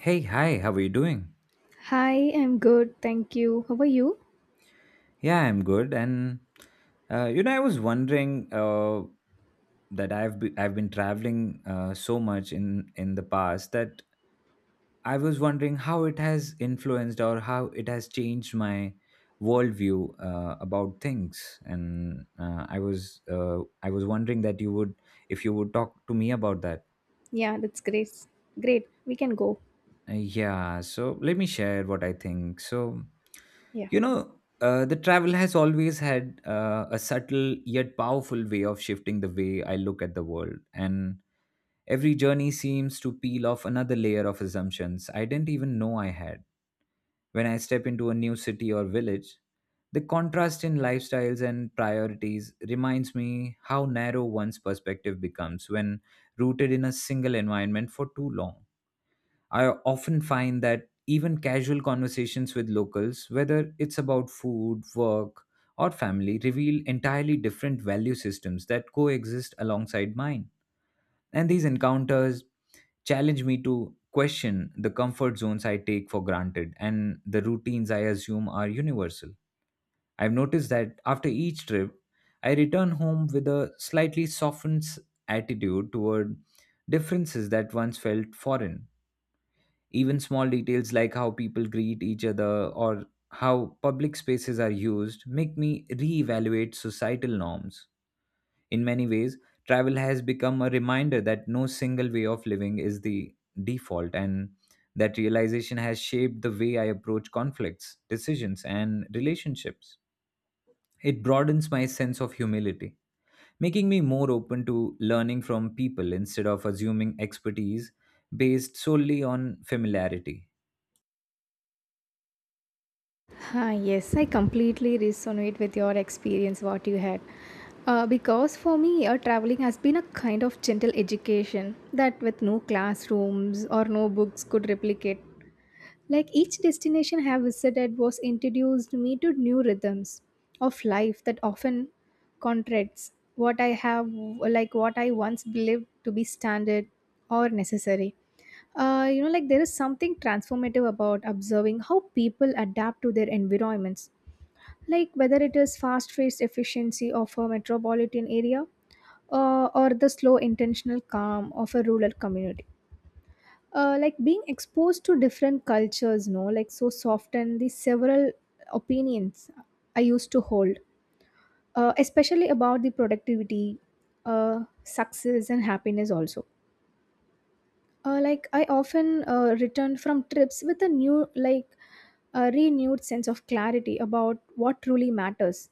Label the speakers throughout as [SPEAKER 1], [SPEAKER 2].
[SPEAKER 1] Hey, hi, how are you doing?
[SPEAKER 2] Hi, I'm good. Thank you. How are you?
[SPEAKER 1] Yeah, I'm good. And you know, I was wondering that I've been traveling so much in the past that I was wondering how it has influenced or how it has changed my worldview about things. And I was wondering that you would if you would talk to me about that.
[SPEAKER 2] Yeah, that's great. Great. We can go.
[SPEAKER 1] Yeah, so let me share what I think. So,
[SPEAKER 2] Yeah.
[SPEAKER 1] you know, the travel has always had a subtle yet powerful way of shifting the way I look at the world. And every journey seems to peel off another layer of assumptions I didn't even know I had. When I step into a new city or village, the contrast in lifestyles and priorities reminds me how narrow one's perspective becomes when rooted in a single environment for too long. I often find that even casual conversations with locals, whether it's about food, work, or family, reveal entirely different value systems that coexist alongside mine. And these encounters challenge me to question the comfort zones I take for granted and the routines I assume are universal. I've noticed that after each trip, I return home with a slightly softened attitude toward differences that once felt foreign, even small details like how people greet each other or how public spaces are used make me reevaluate societal norms. In many ways, travel has become a reminder that no single way of living is the default, and that realization has shaped the way I approach conflicts, decisions, and relationships. It broadens my sense of humility, making me more open to learning from people instead of assuming expertise based solely on familiarity.
[SPEAKER 2] Ah, yes, I completely resonate with your experience, what you had. Because for me, traveling has been a kind of gentle education that with no classrooms or no books could replicate. Like each destination I have visited was introduced me to new rhythms of life that often contradicts what I have what I once believed to be standard or necessary. Like there is something transformative about observing how people adapt to their environments. Like whether it is fast-paced efficiency of a metropolitan area or the slow intentional calm of a rural community, like being exposed to different cultures no like so soften the several opinions I used to hold, especially about the productivity, success and happiness also. Like I often returned from trips with a new, a renewed sense of clarity about what truly matters.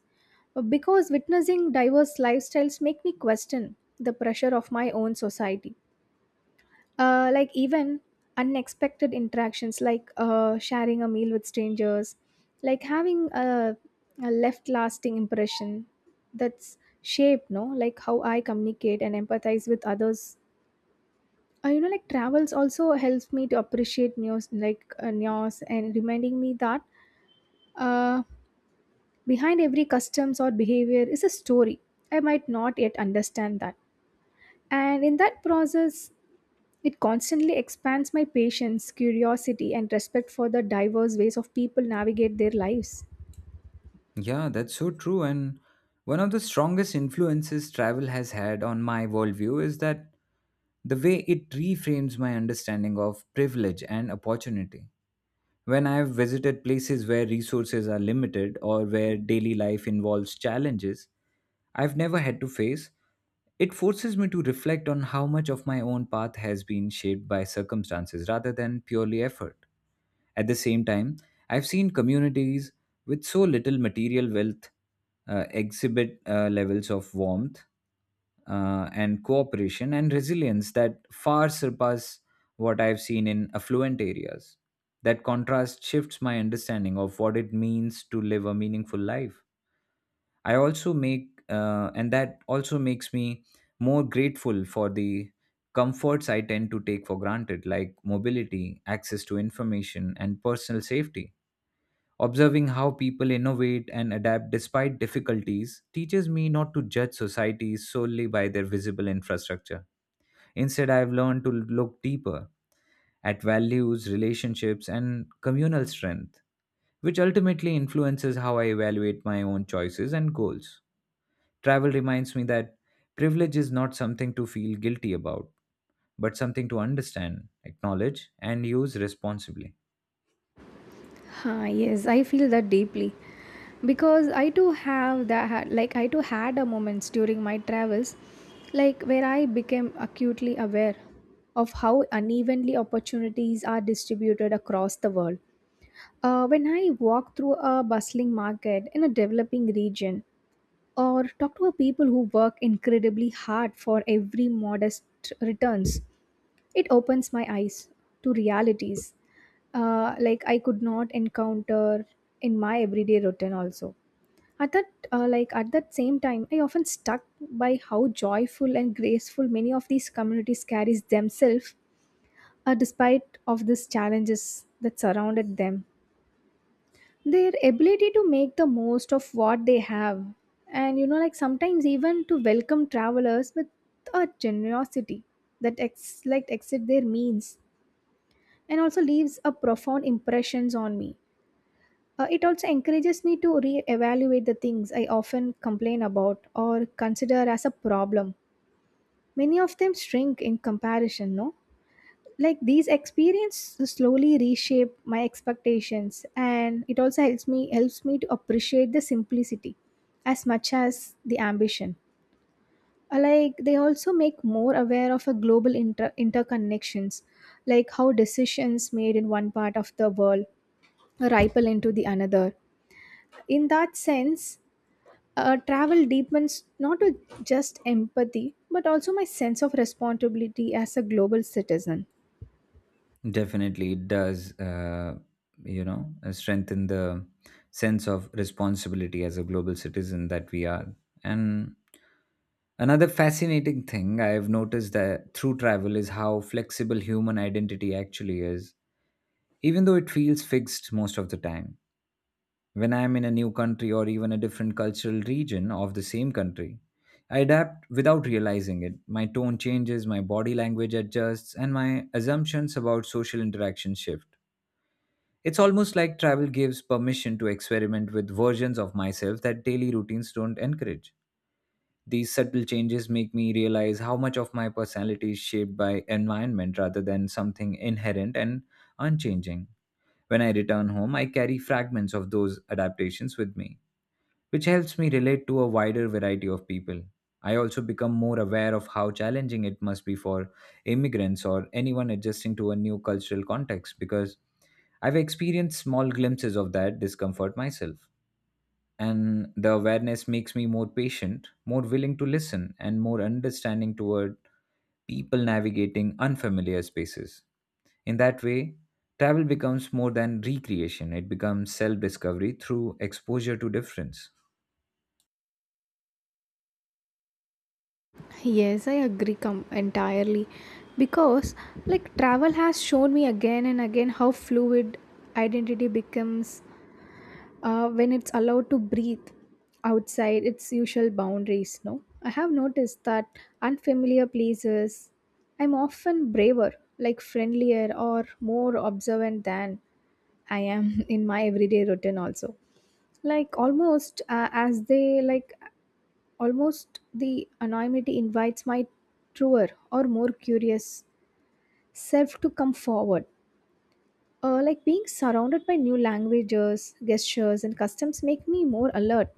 [SPEAKER 2] Because witnessing diverse lifestyles make me question the pressure of my own society, like even unexpected interactions like sharing a meal with strangers, like having a left lasting impression that's shaped no like how I communicate and empathize with others. Like travels also helps me to appreciate news like news and reminding me that, uh, behind every customs or behavior is a story I might not yet understand that, and in that process it constantly expands my patience, curiosity, and respect for the diverse ways of people navigate their lives.
[SPEAKER 1] Yeah, that's so true. And one of the strongest influences travel has had on my worldview is that the way it reframes my understanding of privilege and opportunity. When I've visited places where resources are limited or where daily life involves challenges I've never had to face, it forces me to reflect on how much of my own path has been shaped by circumstances rather than purely effort. At the same time, I've seen communities with so little material wealth exhibit levels of warmth and cooperation and resilience that far surpass what I've seen in affluent areas. That contrast shifts my understanding of what it means to live a meaningful life. And that also makes me more grateful for the comforts I tend to take for granted, like mobility, access to information, and personal safety. Observing how people innovate and adapt despite difficulties teaches me not to judge societies solely by their visible infrastructure. Instead, I've learned to look deeper at values, relationships, and communal strength, which ultimately influences how I evaluate my own choices and goals. Travel reminds me that privilege is not something to feel guilty about, but something to understand, acknowledge, and use responsibly.
[SPEAKER 2] Ah, yes, I feel that deeply because I too have that, like I too had a moments during my travels like where I became acutely aware of how unevenly opportunities are distributed across the world. When I walk through a bustling market in a developing region or talk to a people who work incredibly hard for every modest returns, it opens my eyes to realities, like I could not encounter in my everyday routine also. At that, like at that same time I often stuck by how joyful and graceful many of these communities carries themselves, despite of these challenges that surrounded them, their ability to make the most of what they have, and you know like sometimes even to welcome travelers with a generosity that exceeds their means and also leaves a profound impressions on me. It also encourages me to re-evaluate the things I often complain about or consider as a problem. Many of them shrink in comparison no, like these experiences slowly reshape my expectations and it also helps me to appreciate the simplicity as much as the ambition. Like they also make more aware of a global interconnections, like how decisions made in one part of the world ripple into the another. In that sense, travel deepens not to just empathy but also my sense of responsibility as a global citizen.
[SPEAKER 1] Definitely, it does, you know, strengthen the sense of responsibility as a global citizen that we are. And another fascinating thing I've noticed that through travel is how flexible human identity actually is, even though it feels fixed most of the time. When I am in a new country or even a different cultural region of the same country, I adapt without realizing it. My tone changes, my body language adjusts, and my assumptions about social interaction shift. It's almost like travel gives permission to experiment with versions of myself that daily routines don't encourage. These subtle changes make me realize how much of my personality is shaped by environment rather than something inherent and unchanging. When I return home, I carry fragments of those adaptations with me which helps me relate to a wider variety of people. I also become more aware of how challenging it must be for immigrants or anyone adjusting to a new cultural context because I've experienced small glimpses of that discomfort myself. And the awareness makes me more patient, more willing to listen, and more understanding toward people navigating unfamiliar spaces. In that way, travel becomes more than recreation, it becomes self discovery through exposure to difference.
[SPEAKER 2] Yes, I agree entirely, because like travel has shown me again and again how fluid identity becomes when it's allowed to breathe outside its usual boundaries no I have noticed that unfamiliar places I'm often braver, like friendlier or more observant than I am in my everyday routine also, like almost as they like Almost the anonymity invites my truer or more curious self to come forward. Like being surrounded by new languages, gestures, and customs make me more alert,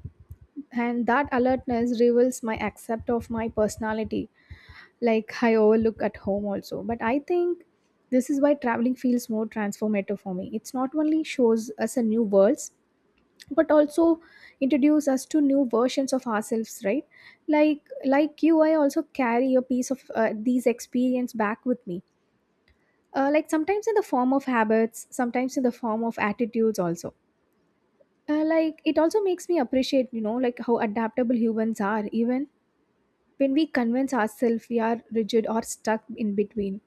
[SPEAKER 2] and that alertness reveals my accept of my personality. Like I overlook at home also, but I think this is why traveling feels more transformative for me. It's not only shows us a new worlds, but also introduce us to new versions of ourselves right, like you I also carry a piece of these experience back with me, like sometimes in the form of habits, sometimes in the form of attitudes also. Like it also makes me appreciate you know like how adaptable humans are even when we convince ourselves we are rigid or stuck in between,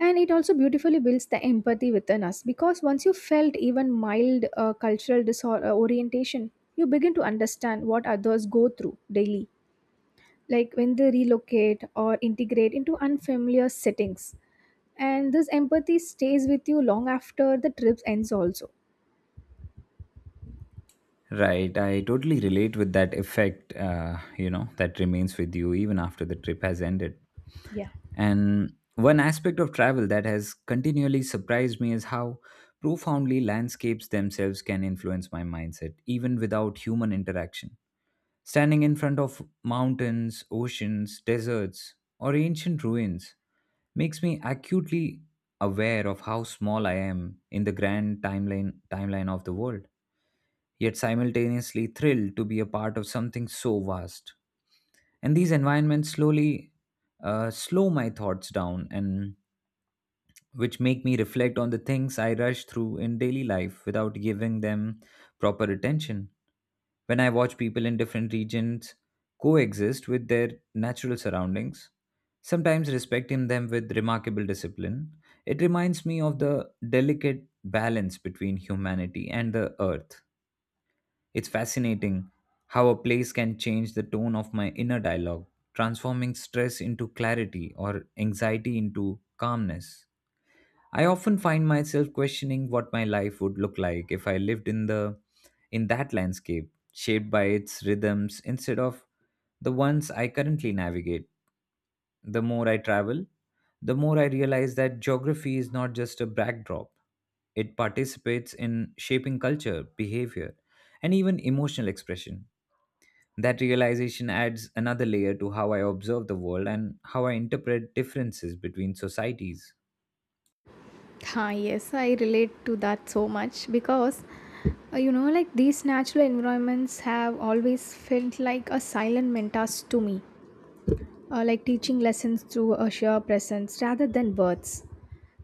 [SPEAKER 2] and it also beautifully builds the empathy within us because once you felt even mild cultural disorientation you begin to understand what others go through daily, like when they relocate or integrate into unfamiliar settings, and this empathy stays with you long after the trip ends also.
[SPEAKER 1] Right, I totally relate with that effect, you know, that remains with you even after the trip has ended.
[SPEAKER 2] Yeah.
[SPEAKER 1] And one aspect of travel that has continually surprised me is how profoundly landscapes themselves can influence my mindset, even without human interaction. Standing in front of mountains, oceans, deserts, or ancient ruins makes me acutely aware of how small I am in the grand timeline of the world, yet simultaneously thrilled to be a part of something so vast. And these environments slowly slow my thoughts down and which make me reflect on the things I rush through in daily life without giving them proper attention. When I watch people in different regions coexist with their natural surroundings, sometimes respecting them with remarkable discipline, it reminds me of the delicate balance between humanity and the earth. It's fascinating how a place can change the tone of my inner dialogue, transforming stress into clarity or anxiety into calmness. I often find myself questioning what my life would look like if I lived in that landscape, shaped by its rhythms instead of the ones I currently navigate. The more I travel, the more I realize that geography is not just a backdrop, it participates in shaping culture, behavior, and even emotional expression. That realization adds another layer to how I observe the world and how I interpret differences between societies.
[SPEAKER 2] Ah, yes, I relate to that so much because, like these natural environments have always felt like a silent mentors to me, like teaching lessons through a sheer presence rather than words.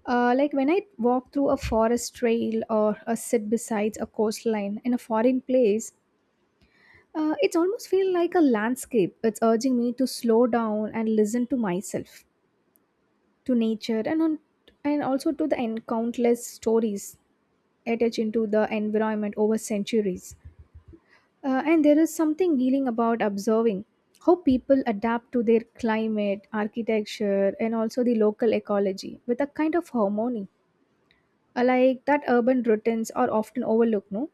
[SPEAKER 2] Like when I walk through a forest trail or sit beside a coastline in a foreign place, it's almost feel like a landscape. It's urging me to slow down and listen to myself, to nature, and on, and also to the countless stories attached into the environment over centuries. And there is something healing about observing how people adapt to their climate, architecture, and also the local ecology with a kind of harmony, like that urban routines are often overlooked. No,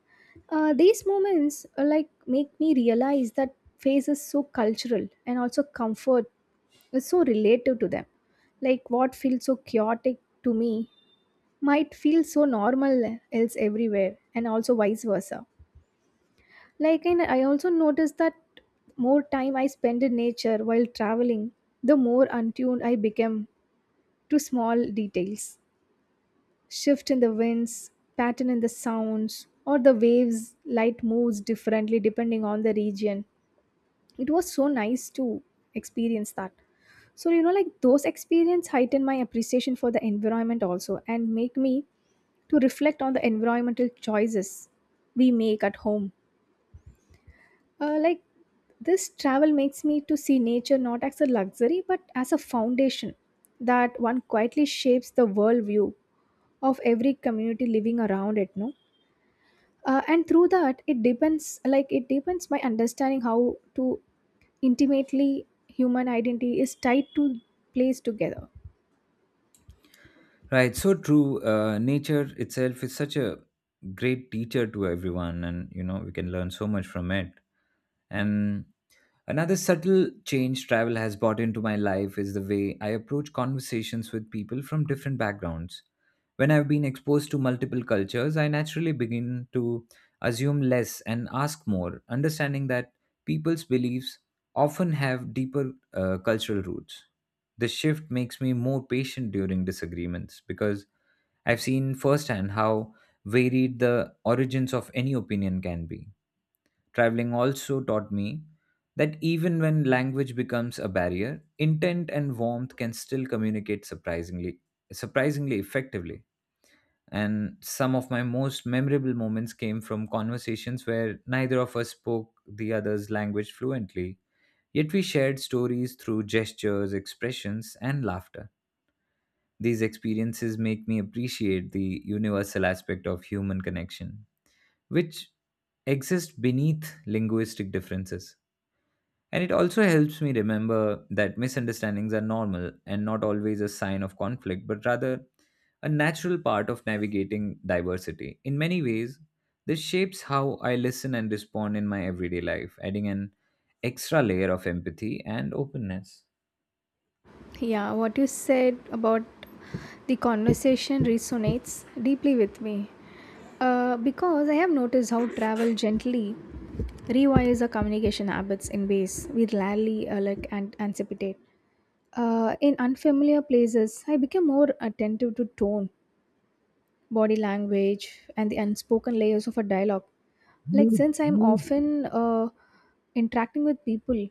[SPEAKER 2] these moments, make me realize that phase is so cultural and also comfort is so relative to them. Like what feels so chaotic to me might feel so normal else everywhere, and also vice versa. And I also noticed that more time I spend in nature while traveling, the more untuned I became to small details. Shift in the winds, pattern in the sounds, or the waves, light moves differently depending on the region. It was so nice to experience that. So, you know, like those experience heighten my appreciation for the environment also and make me to reflect on the environmental choices we make at home. Like this travel makes me to see nature not as a luxury but as a foundation that one quietly shapes the worldview of every community living around it no, and through that it depends it depends my understanding how to intimately human identity is tied to place together.
[SPEAKER 1] Right, so true. Nature itself is such a great teacher to everyone, and you know, we can learn so much from it. And another subtle change travel has brought into my life is the way I approach conversations with people from different backgrounds. When I've been exposed to multiple cultures, I naturally begin to assume less and ask more, understanding that people's beliefs often have deeper cultural roots. This shift makes me more patient during disagreements because I've seen firsthand how varied the origins of any opinion can be. Traveling also taught me that even when language becomes a barrier, intent and warmth can still communicate surprisingly effectively. And some of my most memorable moments came from conversations where neither of us spoke the other's language fluently, yet we shared stories through gestures, expressions, and laughter. These experiences make me appreciate the universal aspect of human connection, which exists beneath linguistic differences. And it also helps me remember that misunderstandings are normal and not always a sign of conflict, but rather a natural part of navigating diversity. In many ways, this shapes how I listen and respond in my everyday life, adding an extra layer of empathy and openness.
[SPEAKER 2] Yeah, what you said about the conversation resonates deeply with me. Because I have noticed how travel gently rewires our communication habits in ways we rarely and anticipate. In unfamiliar places, I became more attentive to tone, body language, and the unspoken layers of a dialogue. Like since I'm often interacting with people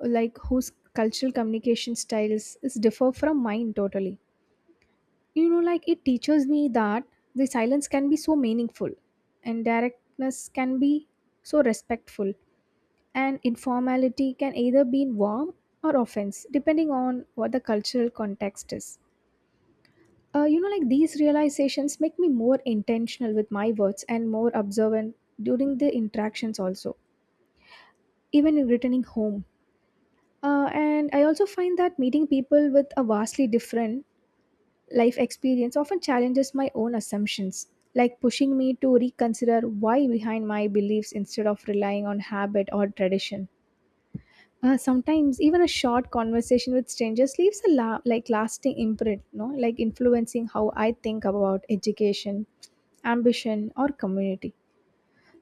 [SPEAKER 2] like whose cultural communication styles is differ from mine totally, you know like it teaches me that the silence can be so meaningful, and directness can be so respectful, and informality can either be warm or offense depending on what the cultural context is. Like these realizations make me more intentional with my words and more observant during the interactions also, even in returning home. And I also find that meeting people with a vastly different life experience often challenges my own assumptions, like pushing me to reconsider why behind my beliefs instead of relying on habit or tradition. Sometimes even a short conversation with strangers leaves a lasting imprint, no, like influencing how I think about education, ambition, or community.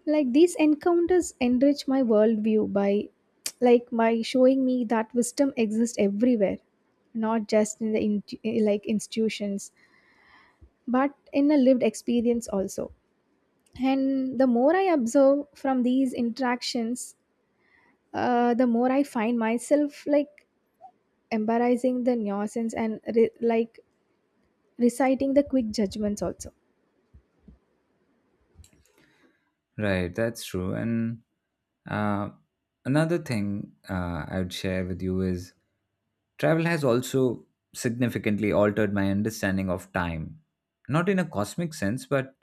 [SPEAKER 2] Like these encounters enrich my worldview by, like, by showing me that wisdom exists everywhere, not just in the institutions but in a lived experience also. And the more I observe from these interactions, the more I find myself like embarrassing the nuisance and reciting the quick judgments also.
[SPEAKER 1] Right, that's true. And uh, another thing I would share with you is travel has also significantly altered my understanding of time, not in a cosmic sense, but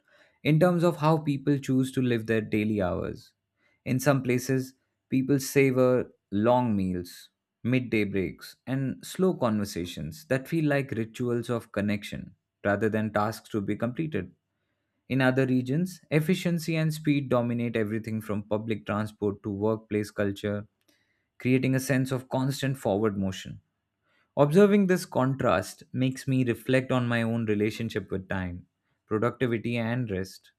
[SPEAKER 1] in terms of how people choose to live their daily hours. In some places, people savor long meals, midday breaks, and slow conversations that feel like rituals of connection rather than tasks to be completed. In other regions, efficiency and speed dominate everything from public transport to workplace culture, creating a sense of constant forward motion. Observing this contrast makes me reflect on my own relationship with time, productivity, and rest.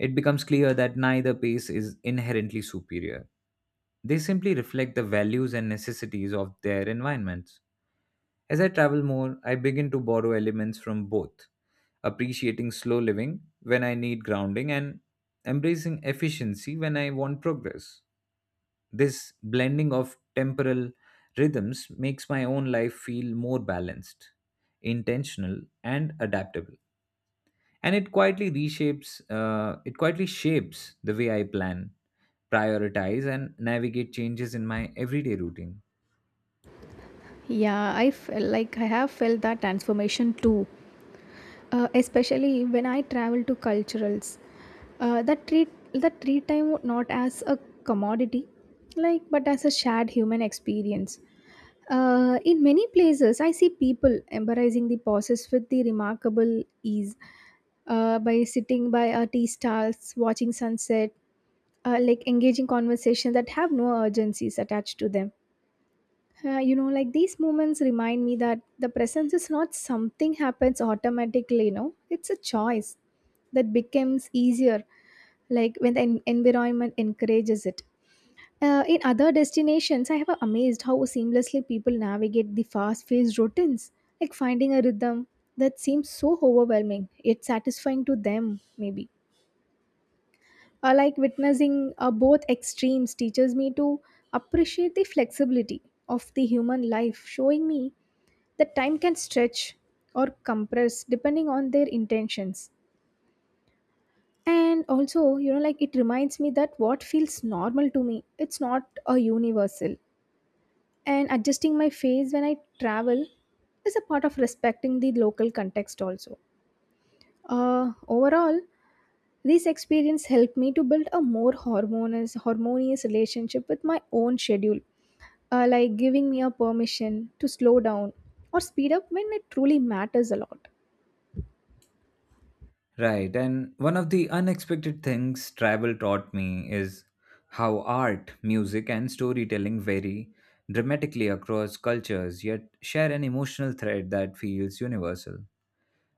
[SPEAKER 1] It becomes clear that neither pace is inherently superior. They simply reflect the values and necessities of their environments. As I travel more, I begin to borrow elements from both, appreciating slow living when I need grounding and embracing efficiency when I want progress. This blending of temporal rhythms makes my own life feel more balanced, intentional, and adaptable. And it quietly shapes the way I plan, prioritize, and navigate changes in my everyday routine.
[SPEAKER 2] Yeah, I feel like I have felt that transformation too, especially when I travel to culturals that treat time not as a commodity like but as a shared human experience. In many places, I see people embracing the process with the remarkable ease, by sitting by a tea stalls, watching sunset, like engaging conversations that have no urgencies attached to them. Like these moments remind me that the presence is not something happens automatically. No, it's a choice that becomes easier, like when the environment encourages it. In other destinations, I have amazed how seamlessly people navigate the fast-paced routines, like finding a rhythm that seems so overwhelming, yet satisfying to them, maybe. Like witnessing both extremes teaches me to appreciate the flexibility of the human life, showing me that time can stretch or compress depending on their intentions. And also, you know, like it reminds me that what feels normal to me, it's not a universal, and adjusting my face when I travel is a part of respecting the local context also. Overall, this experience helped me to build a more harmonious relationship with my own schedule, like giving me a permission to slow down or speed up when it truly matters a lot.
[SPEAKER 1] Right. And one of the unexpected things travel taught me is how art, music, and storytelling vary dramatically across cultures, yet share an emotional thread that feels universal.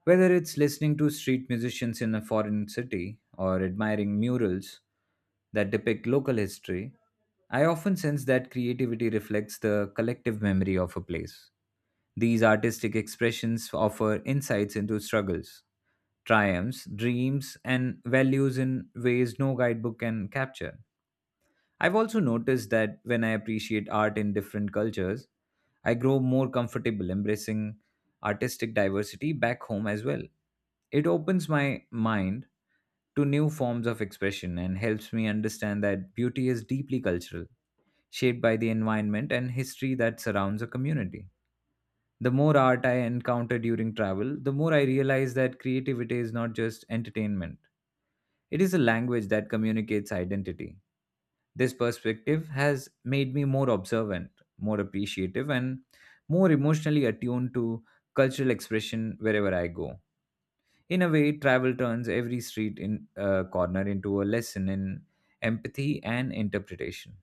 [SPEAKER 1] Whether it's listening to street musicians in a foreign city or admiring murals that depict local history, I often sense that creativity reflects the collective memory of a place. These artistic expressions offer insights into struggles, triumphs, dreams, and values in ways no guidebook can capture. I've also noticed that when I appreciate art in different cultures, I grow more comfortable embracing artistic diversity back home as well. It opens my mind to new forms of expression and helps me understand that beauty is deeply cultural, shaped by the environment and history that surrounds a community. The more art I encounter during travel, the more I realize that creativity is not just entertainment, it is a language that communicates identity. This perspective has made me more observant, more appreciative, and more emotionally attuned to cultural expression wherever I go. In a way, travel turns every street in corner into a lesson in empathy and interpretation.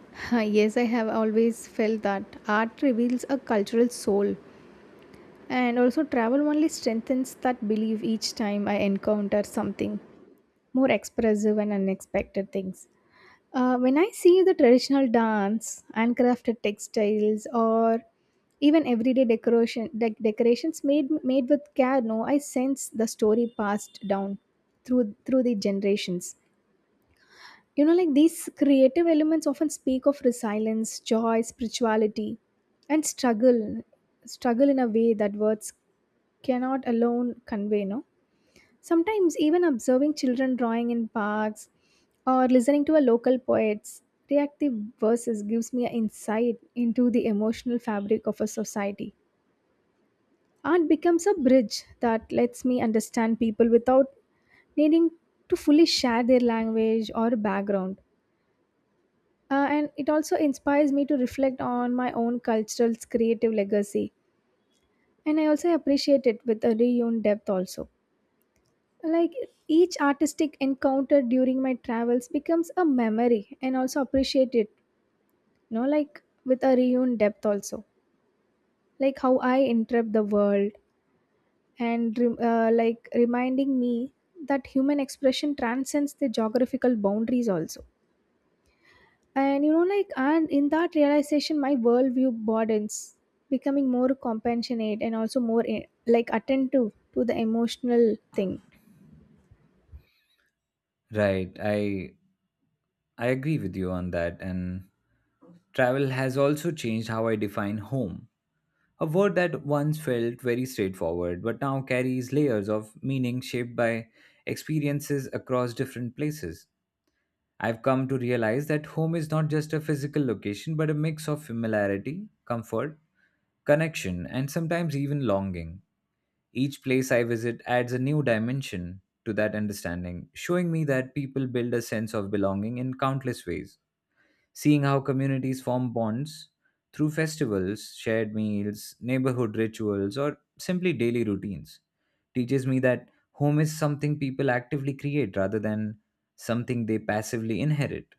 [SPEAKER 2] Ah, yes, I have always felt that art reveals a cultural soul, and also travel only strengthens that belief each time I encounter something more expressive and unexpected things. When I see the traditional dance, handcrafted textiles, or even everyday decorations made with care, no, I sense the story passed down through the generations. You know, like these creative elements often speak of resilience, joy, spirituality, and struggle, struggle in a way that words cannot alone convey. No, sometimes even observing children drawing in parks or listening to a local poet's reactive verses gives me an insight into the emotional fabric of a society. Art becomes a bridge that lets me understand people without needing to fully share their language or background. And it also inspires me to reflect on my own cultural creative legacy. And I also appreciate it with a reunion depth also. Like each artistic encounter during my travels becomes a memory and also appreciate it, you know, like with a renewed depth also, like how I interrupt the world, and like reminding me that human expression transcends the geographical boundaries also. And you know, like, and in that realization my worldview broadens, becoming more compassionate and also more like attentive to the emotional thing.
[SPEAKER 1] Right. I agree with you on that, and travel has also changed how I define home. A word that once felt very straightforward, but now carries layers of meaning shaped by experiences across different places. I've come to realize that home is not just a physical location, but a mix of familiarity, comfort, connection, and sometimes even longing. Each place I visit adds a new dimension, to that understanding, showing me that people build a sense of belonging in countless ways. Seeing how communities form bonds through festivals, shared meals, neighborhood rituals, or simply daily routines teaches me that home is something people actively create rather than something they passively inherit.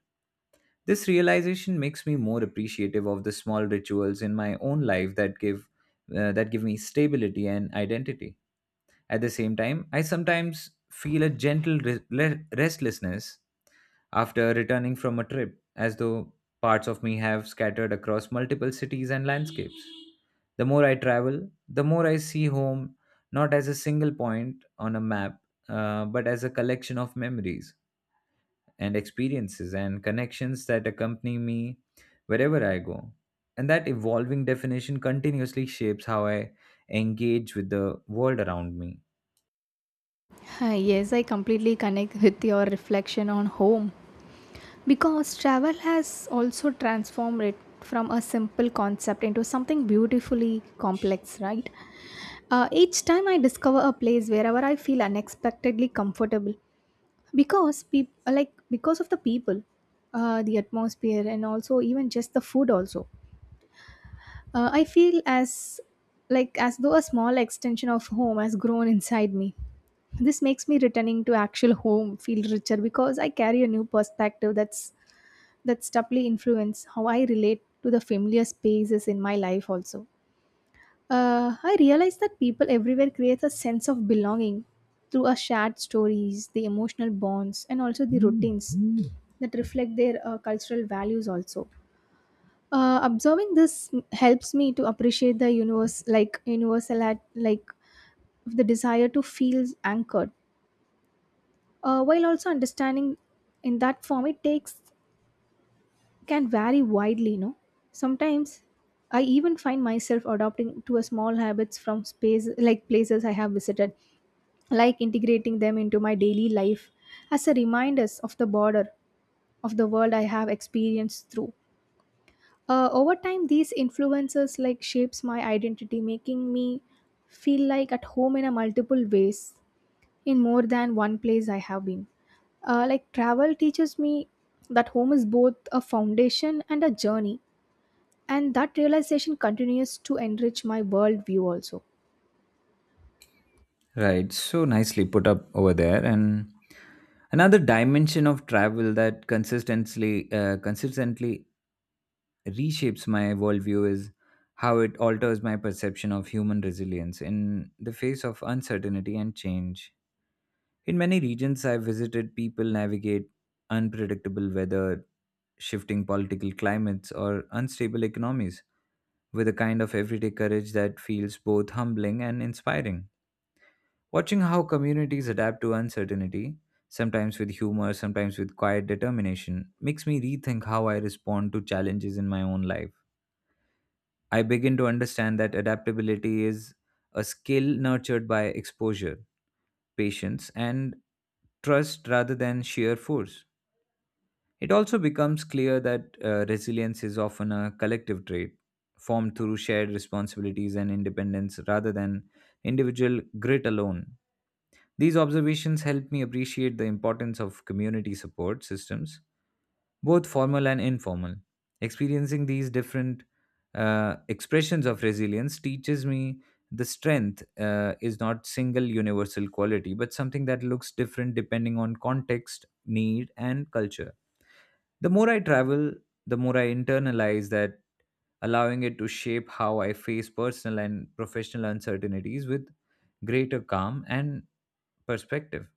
[SPEAKER 1] This realization makes me more appreciative of the small rituals in my own life that give me stability and identity. At the same time, I sometimes feel a gentle restlessness after returning from a trip, as though parts of me have scattered across multiple cities and landscapes. The more I travel, the more I see home not as a single point on a map, but as a collection of memories and experiences and connections that accompany me wherever I go. And that evolving definition continuously shapes how I engage with the world around me.
[SPEAKER 2] Hi, yes, I completely connect with your reflection on home because travel has also transformed it from a simple concept into something beautifully complex, right? Each time I discover a place wherever I feel unexpectedly comfortable because like because of the people, the atmosphere, and also even just the food. Also, I feel as like as though a small extension of home has grown inside me. This makes me returning to actual home feel richer because I carry a new perspective that's doubly influence how I relate to the familiar spaces in my life also. I realize that people everywhere create a sense of belonging through our shared stories, the emotional bonds, and also the routines that reflect their cultural values also. Observing helps me to appreciate the universe, like universal, at, like the desire to feel anchored, while also understanding in that form it takes can vary widely, you know. Sometimes I even find myself adopting to a small habits from space like places I have visited, like integrating them into my daily life as a reminders of the border of the world I have experienced through. Over time these influences like shapes my identity, making me feel like at home in a multiple ways, in more than one place I have been. Like travel teaches me that home is both a foundation and a journey, and that realization continues to enrich my worldview also.
[SPEAKER 1] Right, so nicely put up over there, and another dimension of travel that consistently reshapes my worldview is how it alters my perception of human resilience in the face of uncertainty and change. In many regions I've visited, people navigate unpredictable weather, shifting political climates, or unstable economies with a kind of everyday courage that feels both humbling and inspiring. Watching how communities adapt to uncertainty, sometimes with humor, sometimes with quiet determination, makes me rethink how I respond to challenges in my own life. I begin to understand that adaptability is a skill nurtured by exposure, patience, and trust rather than sheer force. It also becomes clear that resilience is often a collective trait formed through shared responsibilities and independence rather than individual grit alone. These observations help me appreciate the importance of community support systems, both formal and informal. Experiencing these different expressions of resilience teaches me the strength is not single universal quality but something that looks different depending on context need and culture. The more I travel, the more I internalize that, allowing it to shape how I face personal and professional uncertainties with greater calm and perspective.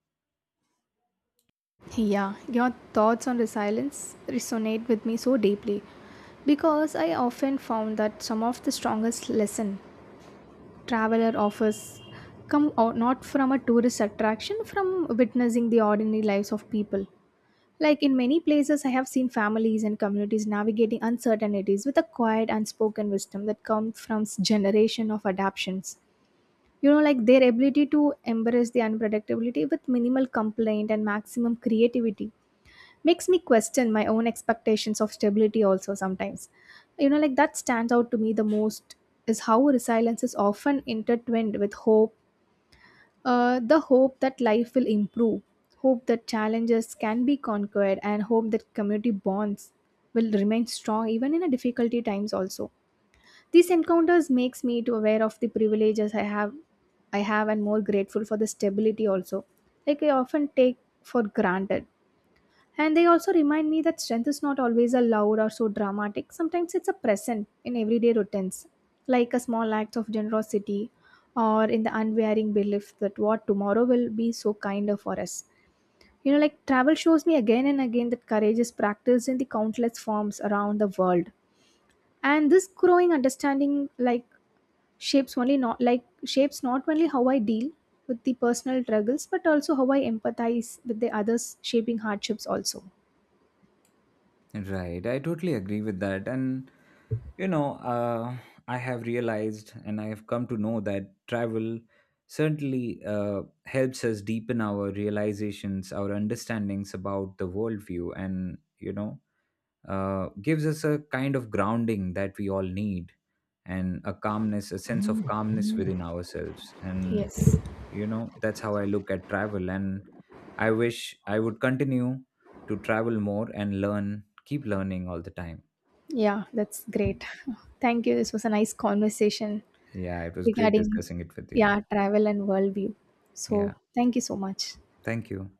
[SPEAKER 2] Yeah, your thoughts on resilience resonate with me so deeply because I often found that some of the strongest lesson traveler offers come out not from a tourist attraction, from witnessing the ordinary lives of people. Like in many places, I have seen families and communities navigating uncertainties with a quiet, unspoken wisdom that comes from generation of adaptions. You know, like their ability to embrace the unpredictability with minimal complaint and maximum creativity makes me question my own expectations of stability also sometimes. You know, like that stands out to me the most is how resilience is often intertwined with hope, the hope that life will improve, hope that challenges can be conquered, and hope that community bonds will remain strong even in a difficulty times also. These encounters makes me to aware of the privileges I have, and more grateful for the stability also. Like I often take for granted. And they also remind me that strength is not always a loud or so dramatic. Sometimes it's a present in everyday routines, like a small act of generosity or in the unwearing belief that what tomorrow will be so kinder for us. You know, like travel shows me again and again that courage is practiced in the countless forms around the world. And this growing understanding, like, shapes only not like shapes not only how I deal with the personal struggles but also how I empathize with the others shaping hardships also.
[SPEAKER 1] Right, I totally agree with that. And you know, I have realized and I have come to know that travel certainly helps us deepen our realizations, our understandings about the worldview, and you know, gives us a kind of grounding that we all need and a calmness, a sense of calmness within ourselves. And
[SPEAKER 2] Yes.
[SPEAKER 1] you know, that's how I look at travel, and I wish I would continue to travel more and learn, keep learning all the time.
[SPEAKER 2] Yeah, that's great. Thank you. This was a nice conversation
[SPEAKER 1] Yeah, it was great
[SPEAKER 2] regarding,
[SPEAKER 1] discussing it with you.
[SPEAKER 2] yeah, travel and worldview.
[SPEAKER 1] Yeah,
[SPEAKER 2] So, thank you so much.
[SPEAKER 1] thank you.